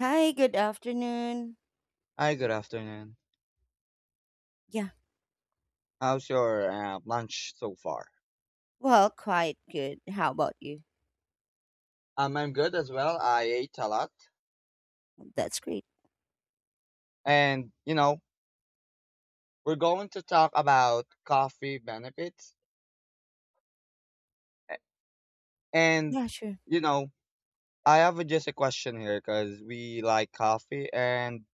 Hi, good afternoon. Hi, good afternoon. Yeah, How's your lunch so far? well, quite good. How about you? I'm good as well. I ate a lot. That's great. And, you know, we're going to talk about coffee benefits. A- And, Yeah, sure. you know, just a question here because we like coffee. And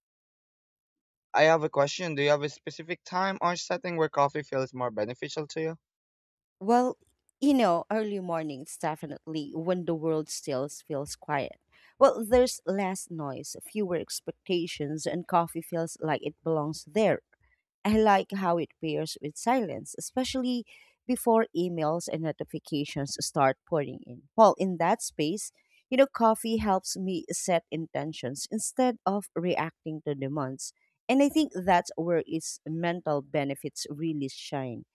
I have a question. Do you have a specific time or setting where coffee feels more beneficial to you? Well, Early mornings definitely, when the world still feels quiet. There's less noise, fewer expectations, and coffee feels like it belongs there. I like how it pairs with silence, especially before emails and notifications start pouring in. In that space, coffee helps me set intentions instead of reacting to demands. And I think that's where its mental benefits really shine.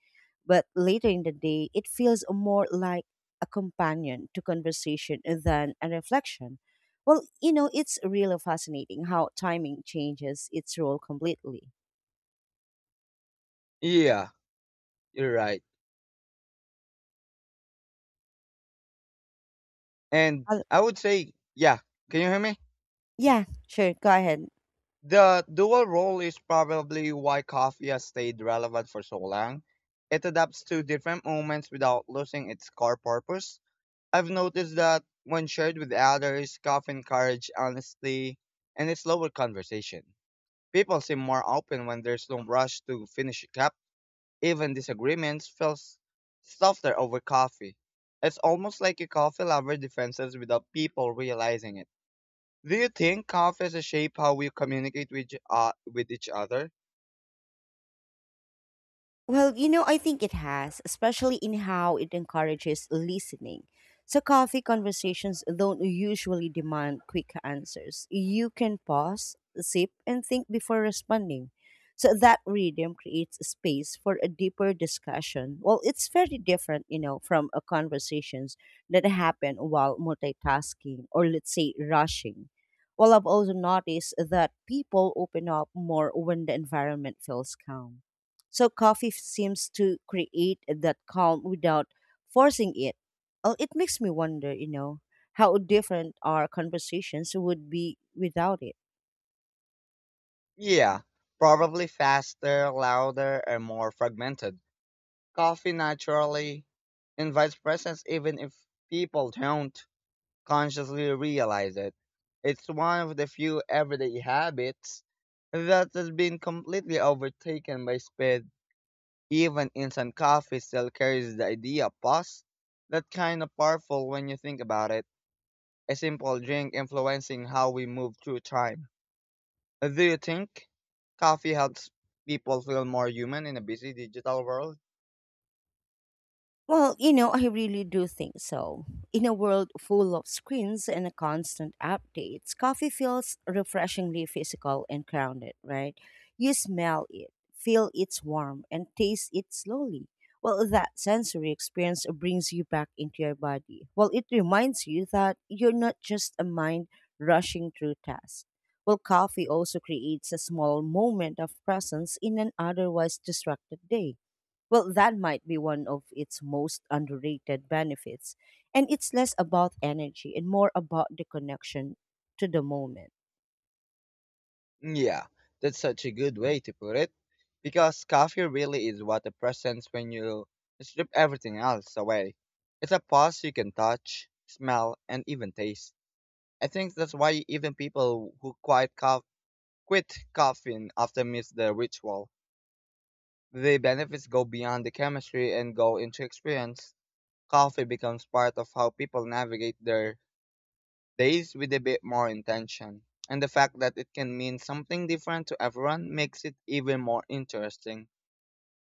But later in the day, it feels more like a companion to conversation than a reflection. It's really fascinating how timing changes its role completely. Yeah, you're right. And Uh, I would say, yeah. Can you hear me? yeah, sure. Go ahead. The dual role is probably why coffee has stayed relevant for so long. It adapts to different moments without losing its core purpose. I've noticed that when shared with others, coffee encourages honesty and a slower conversation. People seem more open when there's no rush to finish a cup. Even disagreements feel softer over coffee. It's almost like a coffee lover defenses without people realizing it. Do you think coffees shape how we communicate with with each other? I think it has, especially in how it encourages listening. So coffee conversations don't usually demand quick answers. You can pause, sip, and think before responding. So that rhythm creates space for a deeper discussion. It's very different, from conversations that happen while multitasking or, let's say, rushing. I've also noticed that people open up more when the environment feels calm. So coffee seems to create that calm without forcing it. Oh, it makes me wonder, how different our conversations would be without it. Yeah, probably faster, louder, and more fragmented. Coffee naturally invites presence even if people don't consciously realize it. It's one of the few everyday habits that has been completely overtaken by speed. Even instant coffee still carries the idea of pause. That kind of powerful when you think about it. A simple drink influencing how we move through time. Do you think coffee helps people feel more human in a busy digital world? I really do think so. In a world full of screens and constant updates, coffee feels refreshingly physical and grounded, right? You smell it, feel its warmth, and taste it slowly. That sensory experience brings you back into your body. It reminds you that you're not just a mind rushing through tasks. Coffee also creates a small moment of presence in an otherwise distracted day. That might be one of its most underrated benefits. And it's less about energy and more about the connection to the moment. Yeah, that's such a good way to put it. Because coffee really is what a presence when you strip everything else away. It's a pause you can touch, smell, and even taste. I think that's why even people who quit coughing after miss the ritual. The benefits go beyond the chemistry and go into experience. Coffee becomes part of how people navigate their days with a bit more intention. And the fact that it can mean something different to everyone makes it even more interesting.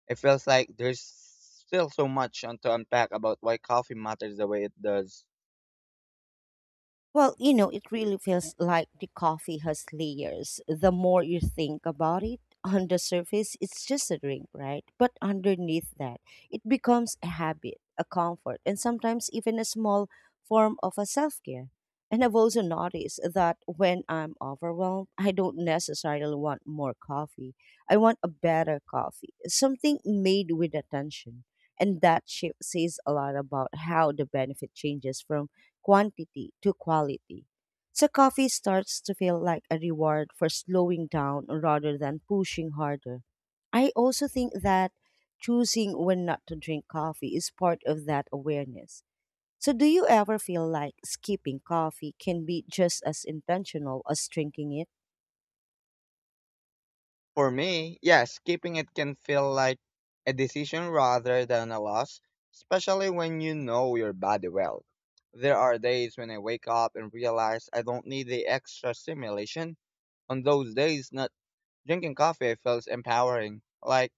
It feels like there's still to unpack about why coffee matters the way it does. It really feels like the coffee has layers. The more you think about it, on the surface, it's just a drink, right? But underneath that, it becomes a habit, a comfort, and sometimes even a small form of a self care. And I've also noticed that when I'm overwhelmed, I don't necessarily want more coffee. I want a better coffee, something made with attention. And that shift says a lot about how the benefit changes from quantity to quality. So coffee starts to feel like a reward for slowing down rather than pushing harder. I also think that choosing when not to drink coffee is part of that awareness. So, do you ever feel like skipping coffee can be just as intentional as drinking it? For me, yes, keeping it can feel like a decision rather than a loss, especially when you know your body well. There are days when I wake up and realize I don't need the extra stimulation. On those days, not drinking coffee feels empowering, like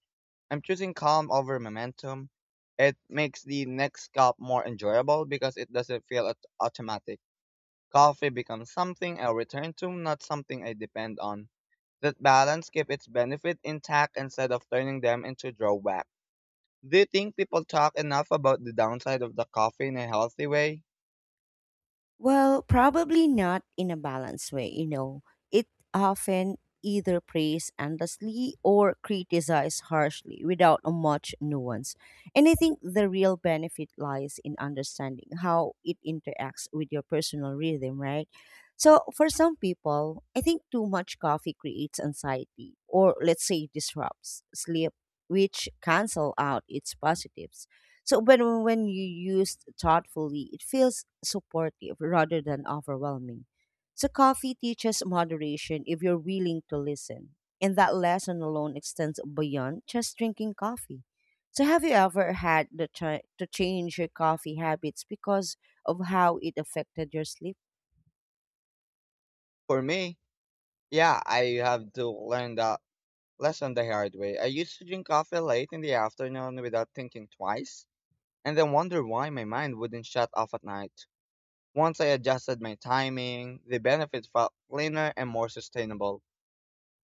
I'm choosing calm over momentum. It makes the next cup more enjoyable because it doesn't feel automatic. Coffee becomes something I return to, not something I depend on. That balance keeps its benefit intact instead of turning them into drawbacks. Do you think people talk enough about the downside of the coffee in a healthy way? Well, probably not in a balanced way, you know. It often either praised endlessly or criticized harshly without a much nuance. And I think the real benefit lies in understanding how it interacts with your personal rhythm, right? So, for some people, I think too much coffee creates anxiety or, let's say, disrupts sleep, which cancel out its positives. So when you used thoughtfully, it feels supportive rather than overwhelming. So coffee teaches moderation if you're willing to listen. And that lesson alone extends beyond just drinking coffee. So have you ever had the to change your coffee habits because of how it affected your sleep? For me, yeah, I have to learn that lesson the hard way. I used to drink coffee late in the afternoon without thinking twice, and then wonder why my mind wouldn't shut off at night. Once I adjusted my timing, the benefits felt cleaner and more sustainable.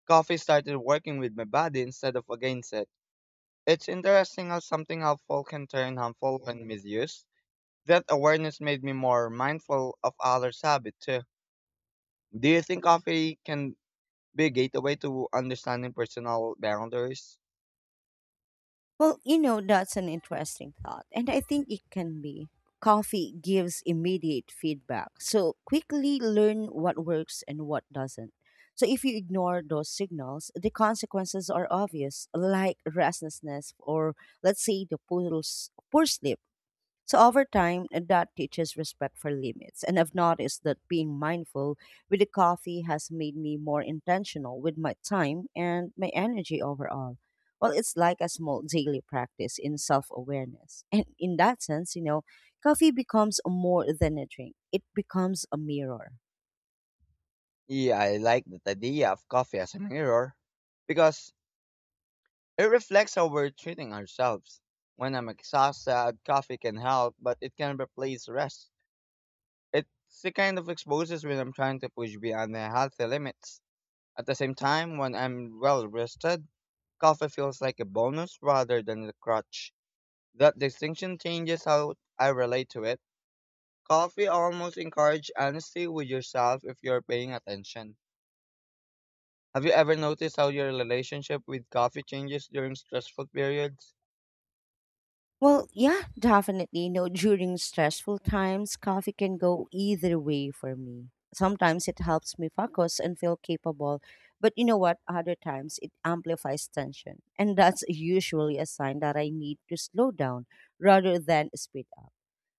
Coffee started working with my body instead of against it. It's interesting how something helpful can turn harmful when misused. That awareness made me more mindful of others' habits too. Do you think coffee can be a gateway to understanding personal boundaries? That's an interesting thought. And I think it can be. Coffee gives immediate feedback. So quickly learn what works and what doesn't. So if you ignore those signals, the consequences are obvious, like restlessness or, let's say, the poor sleep. So over time, that teaches respect for limits. And I've noticed that being mindful with the coffee has made me more intentional with my time and my energy overall. It's like a small daily practice in self awareness. And in that sense, coffee becomes more than a drink, it becomes a mirror. Yeah, I like that idea of coffee as a mirror because it reflects how we're treating ourselves. When I'm exhausted, coffee can help, but it can replace rest. It's the kind of exposes when I'm trying to push beyond the healthy limits. At the same time, when I'm well rested, coffee feels like a bonus rather than a crutch. That distinction changes how I relate to it. Coffee almost encourages honesty with yourself if you're paying attention. Have you ever noticed how your relationship with coffee changes during stressful periods? Well, yeah, definitely. You during stressful times, coffee can go either way for me. Sometimes it helps me focus and feel capable, but you know what? Other times it amplifies tension, and that's usually a sign that I need to slow down rather than speed up.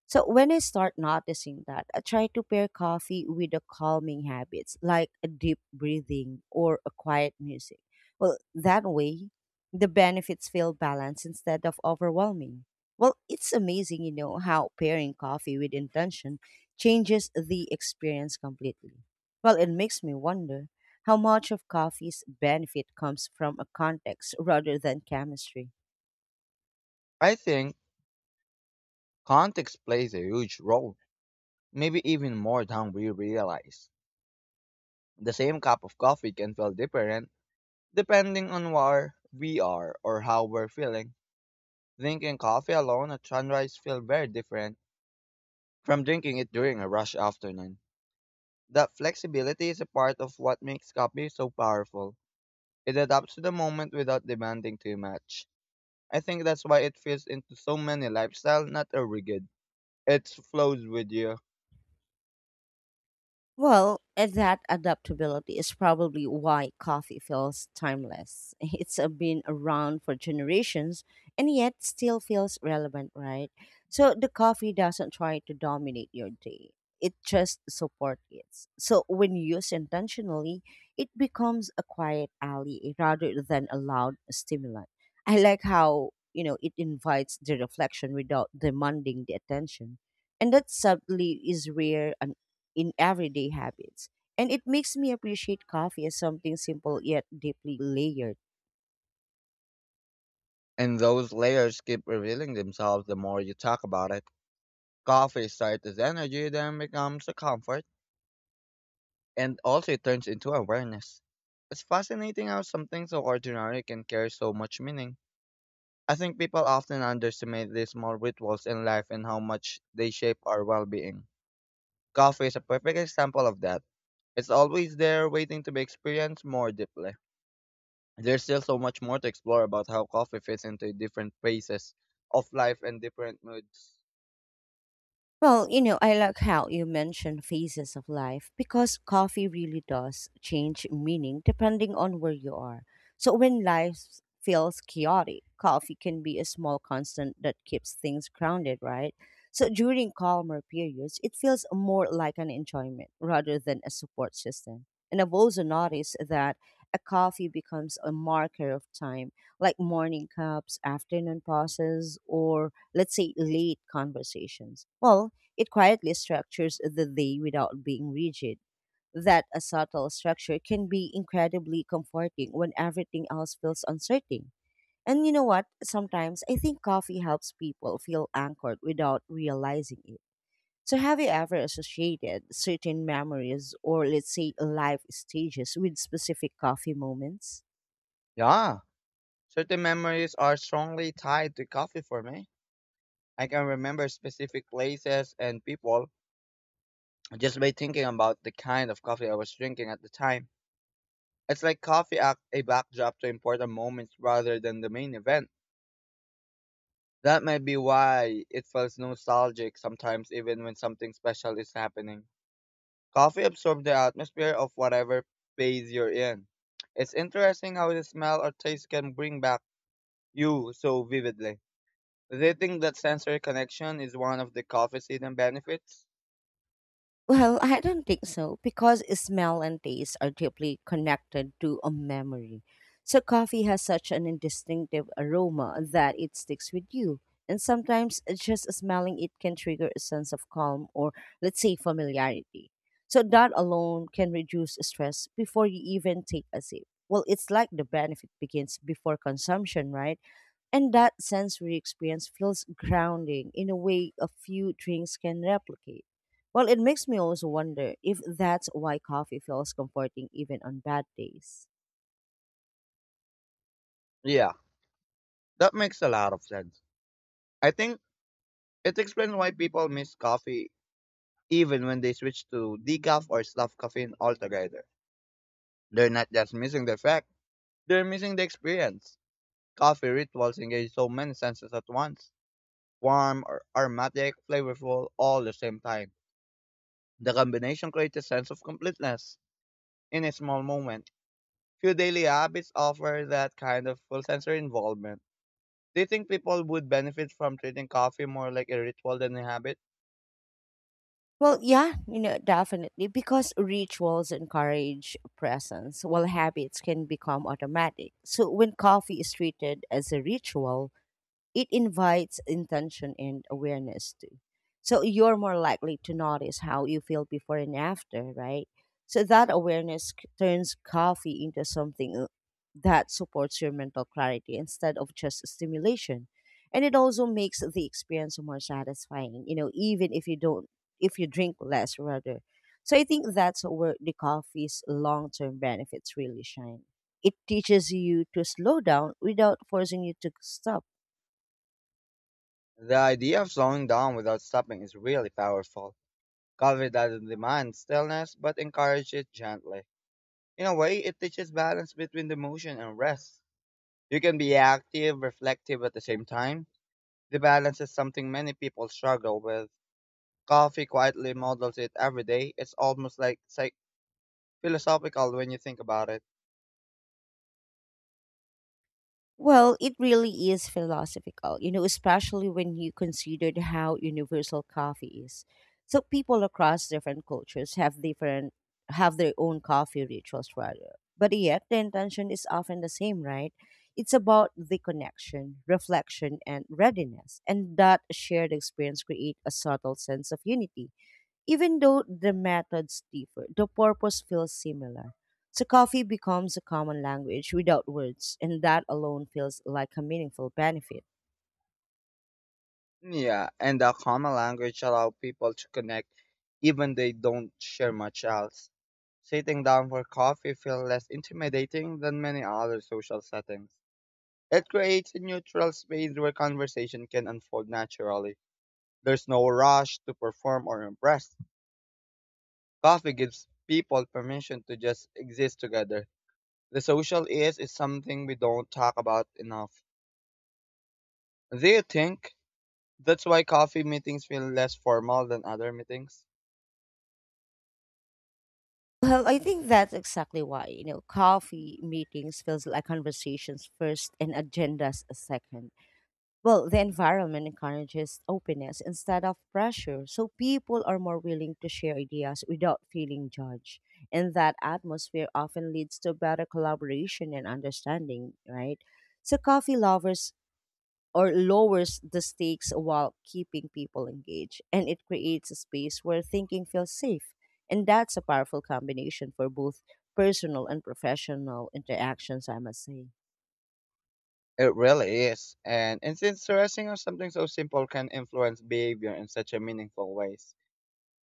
So when I start noticing that, I try to pair coffee with the calming habits like a deep breathing or a quiet music. That way, the benefits feel balanced instead of overwhelming. It's amazing, how pairing coffee with intention changes the experience completely. It makes me wonder how much of coffee's benefit comes from a context rather than chemistry. I think context plays a huge role, maybe even more than we realize. The same cup of coffee can feel different depending on where we are or how we're feeling. Drinking coffee alone at sunrise feels very different from drinking it during a rush afternoon. That flexibility is a part of what makes coffee so powerful. It adapts to the moment without demanding too much. I think that's why it fits into so many lifestyles, not a rigid. It flows with you. That adaptability is probably why coffee feels timeless. It's been around for generations and yet still feels relevant, right? So the coffee doesn't try to dominate your day. It just supports it. So when used intentionally, it becomes a quiet ally rather than a loud stimulant. I like how, it invites the reflection without demanding the attention. And that subtly is rare in everyday habits. And it makes me appreciate coffee as something simple yet deeply layered. And those layers keep revealing themselves the more you talk about it. Coffee starts as energy, then becomes a comfort, and also it turns into awareness. It's fascinating how something so ordinary can carry so much meaning. I think people often underestimate these small rituals in life and how much they shape our well being. Coffee is a perfect example of that. It's always there waiting to be experienced more deeply. There's still so much more to explore about how coffee fits into different phases of life and different moods. I like how you mentioned phases of life, because coffee really does change meaning depending on where you are. So when life feels chaotic, coffee can be a small constant that keeps things grounded, right? So during calmer periods, it feels more like an enjoyment rather than a support system. And I've also noticed that a coffee becomes a marker of time, like morning cups, afternoon pauses, or, let's say, late conversations. It quietly structures the day without being rigid. That a subtle structure can be incredibly comforting when everything else feels uncertain. And you know what? Sometimes I think coffee helps people feel anchored without realizing it. So, have you ever associated certain memories or, let's say, life stages with specific coffee moments? Yeah, certain memories are strongly tied to coffee for me. I can remember specific places and people just by thinking about the kind of coffee I was drinking at the time. It's like coffee act a backdrop to important moments rather than the main event. That might be why it feels nostalgic sometimes even when something special is happening. Coffee absorbs the atmosphere of whatever phase you're in. It's interesting how the smell or taste can bring back you so vividly. Do you think that sensory connection is one of the coffee's hidden benefits? Well, I don't think so, because smell and taste are deeply connected to a memory. So coffee has such an distinctive aroma that it sticks with you. And sometimes just smelling it can trigger a sense of calm or, let's say, familiarity. So that alone can reduce stress before you even take a sip. It's like the benefit begins before consumption, right? And that sensory experience feels grounding in a way a few drinks can replicate. It makes me also wonder if that's why coffee feels comforting even on bad days. Yeah, that makes a lot of sense. I think it explains why people miss coffee even when they switch to decaf or soft caffeine altogether. They're not just missing the effect, they're missing the experience. Coffee rituals engage so many senses at once warm, aromatic, flavorful, all at the same time. The combination creates a sense of completeness in a small moment. Few daily habits offer that kind of full sensory involvement. Do you think people would benefit from treating coffee more like a ritual than a habit? Well, yeah, definitely. Because rituals encourage presence, while habits can become automatic. So when coffee is treated as a ritual, it invites intention and awareness too. So you're more likely to notice how you feel before and after, right? So that awareness turns coffee into something that supports your mental clarity instead of just stimulation. And it also makes the experience more satisfying, even if you don't, if you drink less rather. So I think that's where the coffee's long term benefits really shine. It teaches you to slow down without forcing you to stop. The idea of slowing down without stopping is really powerful. Coffee doesn't demand stillness, but encourages it gently. In a way, it teaches balance between the motion and rest. You can be active, reflective at the same time. The balance is something many people struggle with. Coffee quietly models it every day. It's almost like philosophical when you think about it. It really is philosophical, especially when you considered how universal coffee is. So people across different cultures have their own coffee rituals rather. But yet the intention is often the same, right? It's about the connection, reflection and readiness. And that shared experience create a subtle sense of unity, even though the methods differ, the purpose feels similar. So coffee becomes a common language without words, and that alone feels like a meaningful benefit. Yeah, and the common language allows people to connect even they don't share much else. Sitting down for coffee feels less intimidating than many other social settings. It creates a neutral space where conversation can unfold naturally. There's no rush to perform or impress. Coffee gives people permission to just exist together. The social is something we don't talk about enough. Do you think that's why coffee meetings feel less formal than other meetings? I think that's exactly why, coffee meetings feels like conversations first and agendas a second. The environment encourages openness instead of pressure, so people are more willing to share ideas without feeling judged. And that atmosphere often leads to better collaboration and understanding, right? So, coffee lovers or lowers the stakes while keeping people engaged, and it creates a space where thinking feels safe. And that's a powerful combination for both personal and professional interactions, I must say. It really is. And it's interesting how something so simple can influence behavior in such a meaningful ways.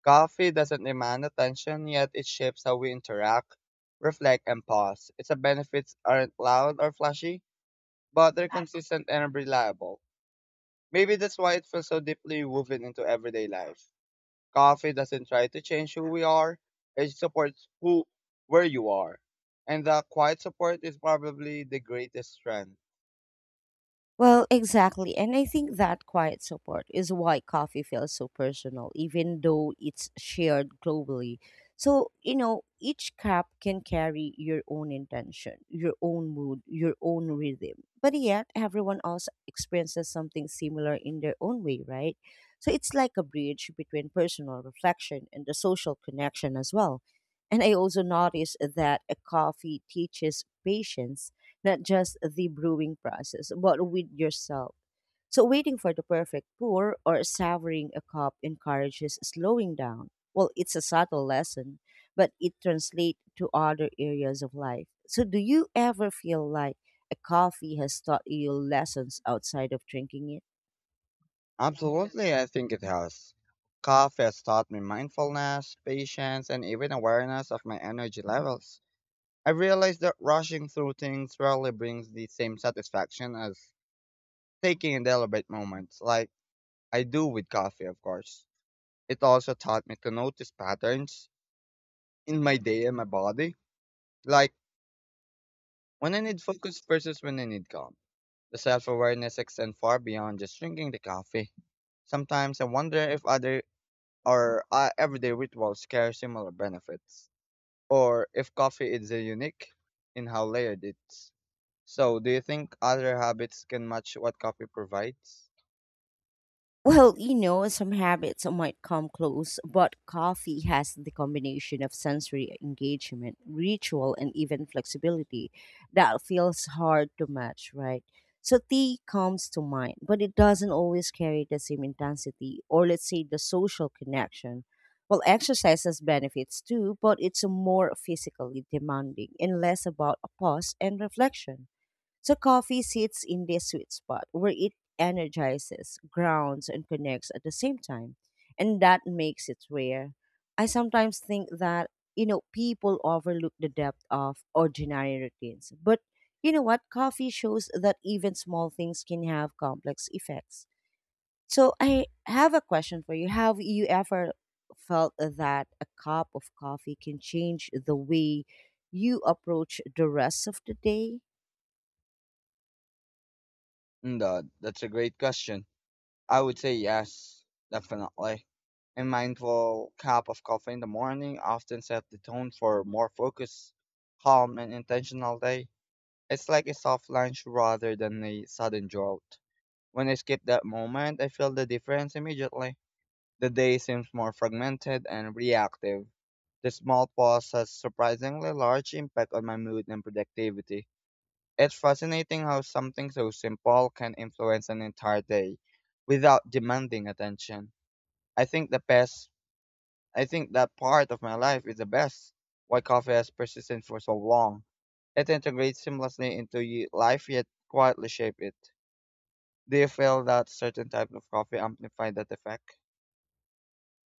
Coffee doesn't demand attention, yet it shapes how we interact, reflect, and pause. Its benefits aren't loud or flashy, but they're consistent and reliable. Maybe that's why it feels so deeply woven into everyday life. Coffee doesn't try to change who we are, it supports who where you are. And that quiet support is probably the greatest strength. Well, exactly. And I think that quiet support is why coffee feels so personal, even though it's shared globally. So, each cup can carry your own intention, your own mood, your own rhythm. But yet, everyone else experiences something similar in their own way, right? So it's like a bridge between personal reflection and the social connection as well. And I also noticed that a coffee teaches patience, not just the brewing process, but with yourself. So, waiting for the perfect pour or savoring a cup encourages slowing down. It's a subtle lesson, but it translates to other areas of life. So, do you ever feel like a coffee has taught you lessons outside of drinking it? Absolutely, I think it has. Coffee has taught me mindfulness, patience, and even awareness of my energy levels. I realized that rushing through things rarely brings the same satisfaction as taking in deliberate moments, like I do with coffee, of course. It also taught me to notice patterns in my day and my body, like when I need focus versus when I need calm. The self awareness extends far beyond just drinking the coffee. Sometimes I wonder if other or everyday rituals carry similar benefits, or if coffee is unique in how layered it's. So, do you think other habits can match what coffee provides? Some habits might come close, but coffee has the combination of sensory engagement, ritual, and even flexibility that feels hard to match, right? So tea comes to mind, but it doesn't always carry the same intensity or, let's say, the social connection. Well, exercise has benefits too, but it's more physically demanding and less about a pause and reflection. So coffee sits in this sweet spot where it energizes, grounds, and connects at the same time. And that makes it rare. I sometimes think that, you know, people overlook the depth of ordinary routines. But you know what? Coffee shows that even small things can have complex effects. So I have a question for you. Have you ever felt that a cup of coffee can change the way you approach the rest of the day? That's a great question. I would say yes, definitely. A mindful cup of coffee in the morning often sets the tone for a more focused, calm, and intentional day. It's like a soft lunch rather than a sudden jolt. When I skip that moment, I feel the difference immediately. The day seems more fragmented and reactive. The small pause has surprisingly large impact on my mood and productivity. It's fascinating how something so simple can influence an entire day without demanding attention. I think the best I think that part of my life is the best why coffee has persisted for so long. It integrates seamlessly into life yet quietly shape it. Do you feel that certain types of coffee amplify that effect?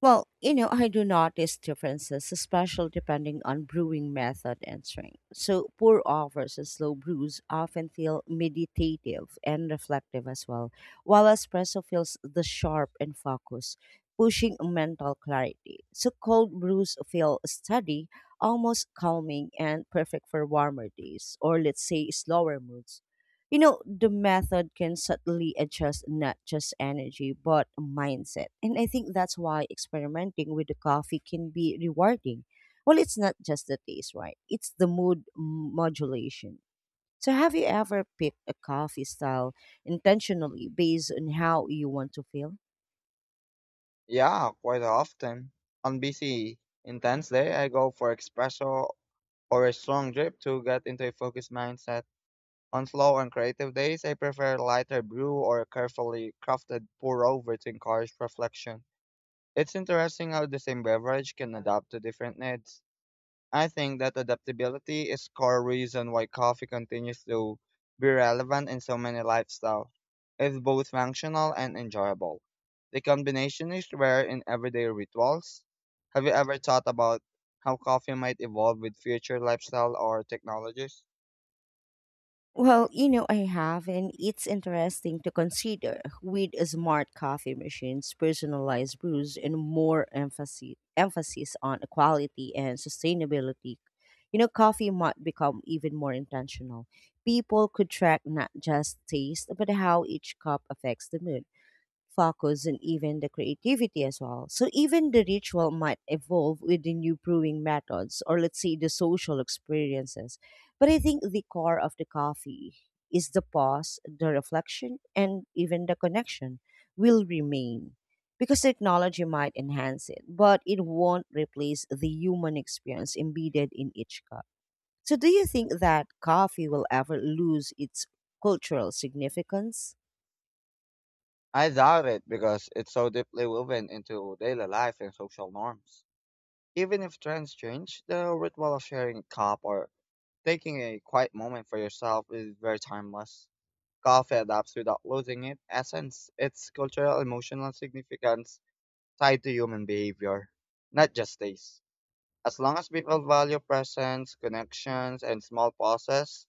Well, you know, I do notice differences, especially depending on brewing method and strength. So, pour overs and slow brews often feel meditative and reflective as well, while espresso feels the sharp and focus, pushing mental clarity. So, cold brews feel steady, almost calming, and perfect for warmer days, or let's say slower moods. You know, the method can subtly adjust not just energy, but mindset. And I think that's why experimenting with the coffee can be rewarding. Well, it's not just the taste, right? It's the mood modulation. So, have you ever picked a coffee style intentionally based on how you want to feel? Yeah, quite often. On busy, intense day, I go for espresso or a strong drip to get into a focused mindset. On slow and creative days, I prefer lighter brew or a carefully crafted pour over to encourage reflection. It's interesting how the same beverage can adapt to different needs. I think that adaptability is core reason why coffee continues to be relevant in so many lifestyles. It's both functional and enjoyable. The combination is rare in everyday rituals. Have you ever thought about how coffee might evolve with future lifestyle or technologies? Well, you know, I have, and it's interesting to consider with smart coffee machines, personalized brews, and more emphasis on quality and sustainability. You know, coffee might become even more intentional. People could track not just taste, but how each cup affects the mood focus, and even the creativity as well. So even the ritual might evolve with the new brewing methods or let's say the social experiences. But I think the core of the coffee is the pause, the reflection, and even the connection will remain. Because technology might enhance it, but it won't replace the human experience embedded in each cup. So, do you think that coffee will ever lose its cultural significance? I doubt it because it's so deeply woven into daily life and social norms. Even if trends change, the ritual of sharing a cup or taking a quiet moment for yourself is very timeless. Coffee adapts without losing its essence, its cultural emotional significance tied to human behavior, not just taste. As long as people value presence, connections, and small pauses,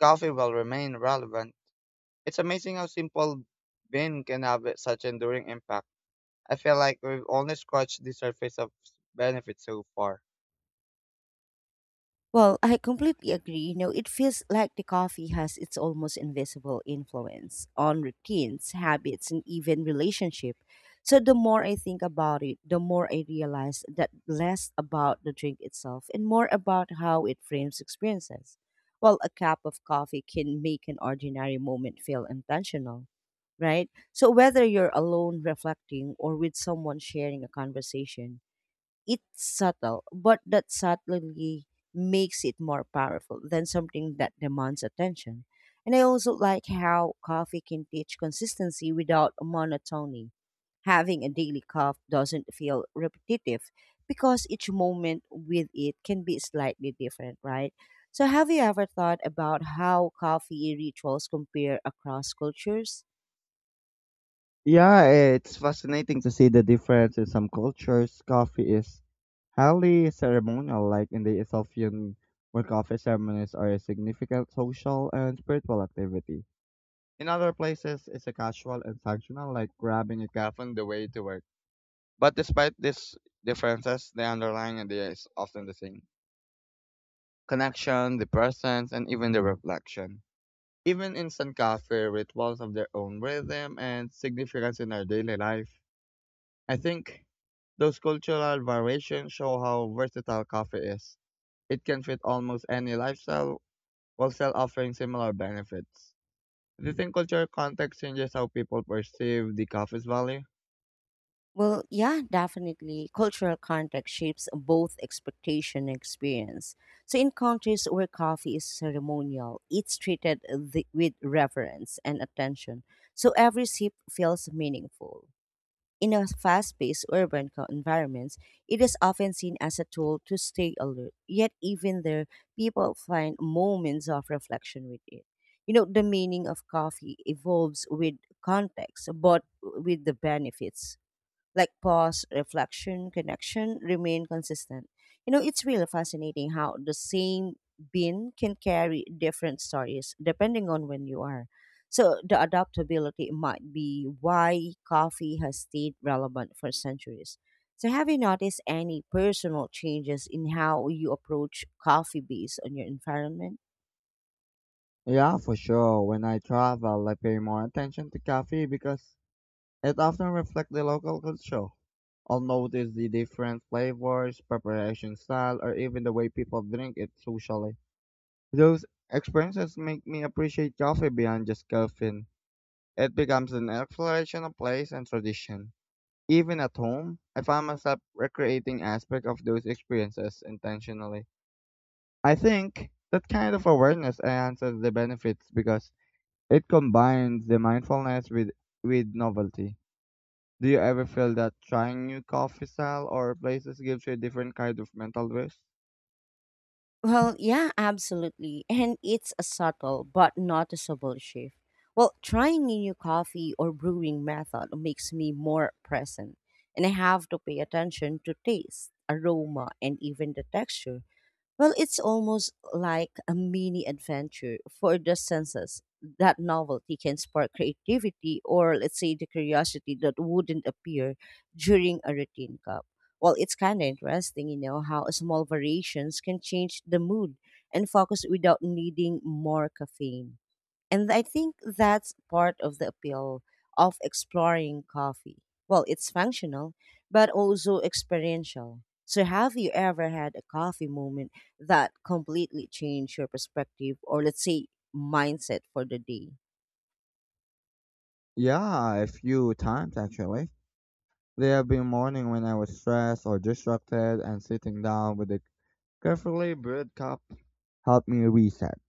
coffee will remain relevant. It's amazing how simple bean can have such enduring impact. I feel like we've only scratched the surface of benefits so far. Well, I completely agree. You know, it feels like the coffee has its almost invisible influence on routines, habits, and even relationship. So the more I think about it, the more I realize that less about the drink itself and more about how it frames experiences. Well, a cup of coffee can make an ordinary moment feel intentional, right? So whether you're alone reflecting or with someone sharing a conversation, it's subtle, but that subtlety makes it more powerful than something that demands attention. And I also like how coffee can teach consistency without monotony. Having a daily cup doesn't feel repetitive because each moment with it can be slightly different, right? So, have you ever thought about how coffee rituals compare across cultures? Yeah, it's fascinating to see the difference in some cultures. Coffee is highly ceremonial, like in the Ethiopian, where coffee ceremonies are a significant social and spiritual activity. In other places, it's a casual and functional, like grabbing a coffee on the way to work. But despite these differences, the underlying idea is often the same connection, the presence, and even the reflection. Even instant coffee rituals of their own rhythm and significance in our daily life. I think those cultural variations show how versatile coffee is. It can fit almost any lifestyle while still offering similar benefits. Do you think cultural context changes how people perceive the coffee's value? Well, yeah, definitely. Cultural context shapes both expectation and experience. So, in countries where coffee is ceremonial, it's treated with reverence and attention. So, every sip feels meaningful. In a fast paced urban environments, it is often seen as a tool to stay alert. Yet, even there, people find moments of reflection with it. You know, the meaning of coffee evolves with context, but with the benefits like pause, reflection, connection remain consistent. You know, it's really fascinating how the same bean can carry different stories depending on when you are. So the adaptability might be why coffee has stayed relevant for centuries. So have you noticed any personal changes in how you approach coffee based on your environment? Yeah, for sure. When I travel, I pay more attention to coffee because it often reflects the local culture. I'll notice the different flavors, preparation style, or even the way people drink it socially. Those experiences make me appreciate coffee beyond just caffeine. It becomes an exploration of place and tradition. Even at home, I find myself recreating aspects of those experiences intentionally. I think that kind of awareness enhances the benefits because it combines the mindfulness with novelty. Do you ever feel that trying new coffee style or places gives you a different kind of mental rest? Well, yeah, absolutely. And it's a subtle but noticeable shift. Well, trying a new coffee or brewing method makes me more present, and I have to pay attention to taste, aroma, and even the texture. Well, it's almost like a mini adventure for the senses. That novelty can spark creativity or, let's say, the curiosity that wouldn't appear during a routine cup. Well, it's kind of interesting, you know, how small variations can change the mood and focus without needing more caffeine. And I think that's part of the appeal of exploring coffee. Well, it's functional, but also experiential. So, have you ever had a coffee moment that completely changed your perspective or, let's say, mindset for the day? Yeah, a few times actually. There have been morning when I was stressed or distracted, and sitting down with a carefully brewed cup helped me reset.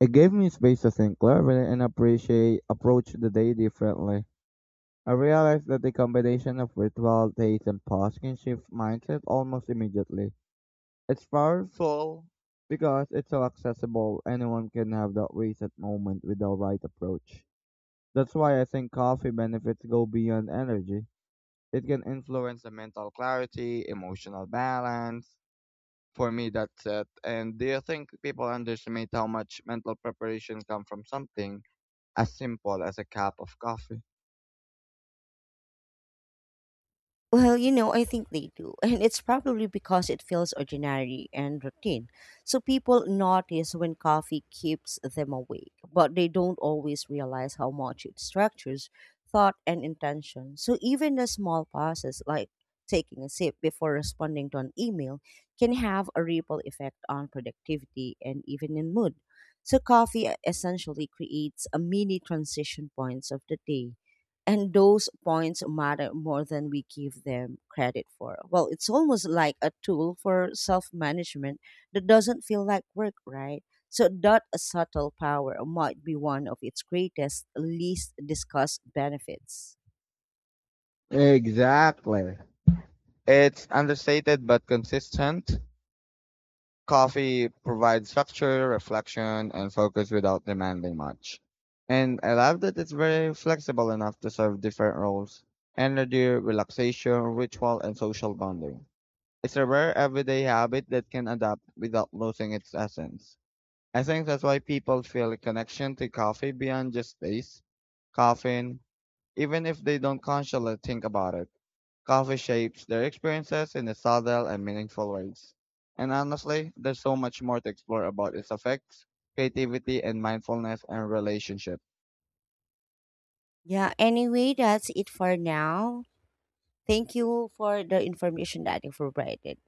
It gave me space to think clearly and appreciate approach the day differently. I realized that the combination of ritual, taste, and pause can shift mindset almost immediately. It's powerful because it's so accessible. Anyone can have that reset moment with the right approach. That's why I think coffee benefits go beyond energy. It can influence the mental clarity, emotional balance. For me, that's it. And do you think people underestimate how much mental preparation comes from something as simple as a cup of coffee? Well, you know, I think they do. And it's probably because it feels ordinary and routine. So people notice when coffee keeps them awake, but they don't always realize how much it structures thought and intention. So even a small pauses, like taking a sip before responding to an email can have a ripple effect on productivity and even in mood. So coffee essentially creates a mini transition points of the day and those points matter more than we give them credit for. Well, it's almost like a tool for self management that doesn't feel like work, right? So, that subtle power might be one of its greatest, least discussed benefits. Exactly. It's understated but consistent. Coffee provides structure, reflection, and focus without demanding much. And I love that it's very flexible enough to serve different roles energy, relaxation, ritual, and social bonding. It's a rare everyday habit that can adapt without losing its essence. I think that's why people feel a connection to coffee beyond just taste, caffeine, even if they don't consciously think about it. Coffee shapes their experiences in subtle and meaningful ways. And honestly, there's so much more to explore about its effects, creativity, and mindfulness and relationships. Yeah, anyway, that's it for now. Thank you for the information that you provided.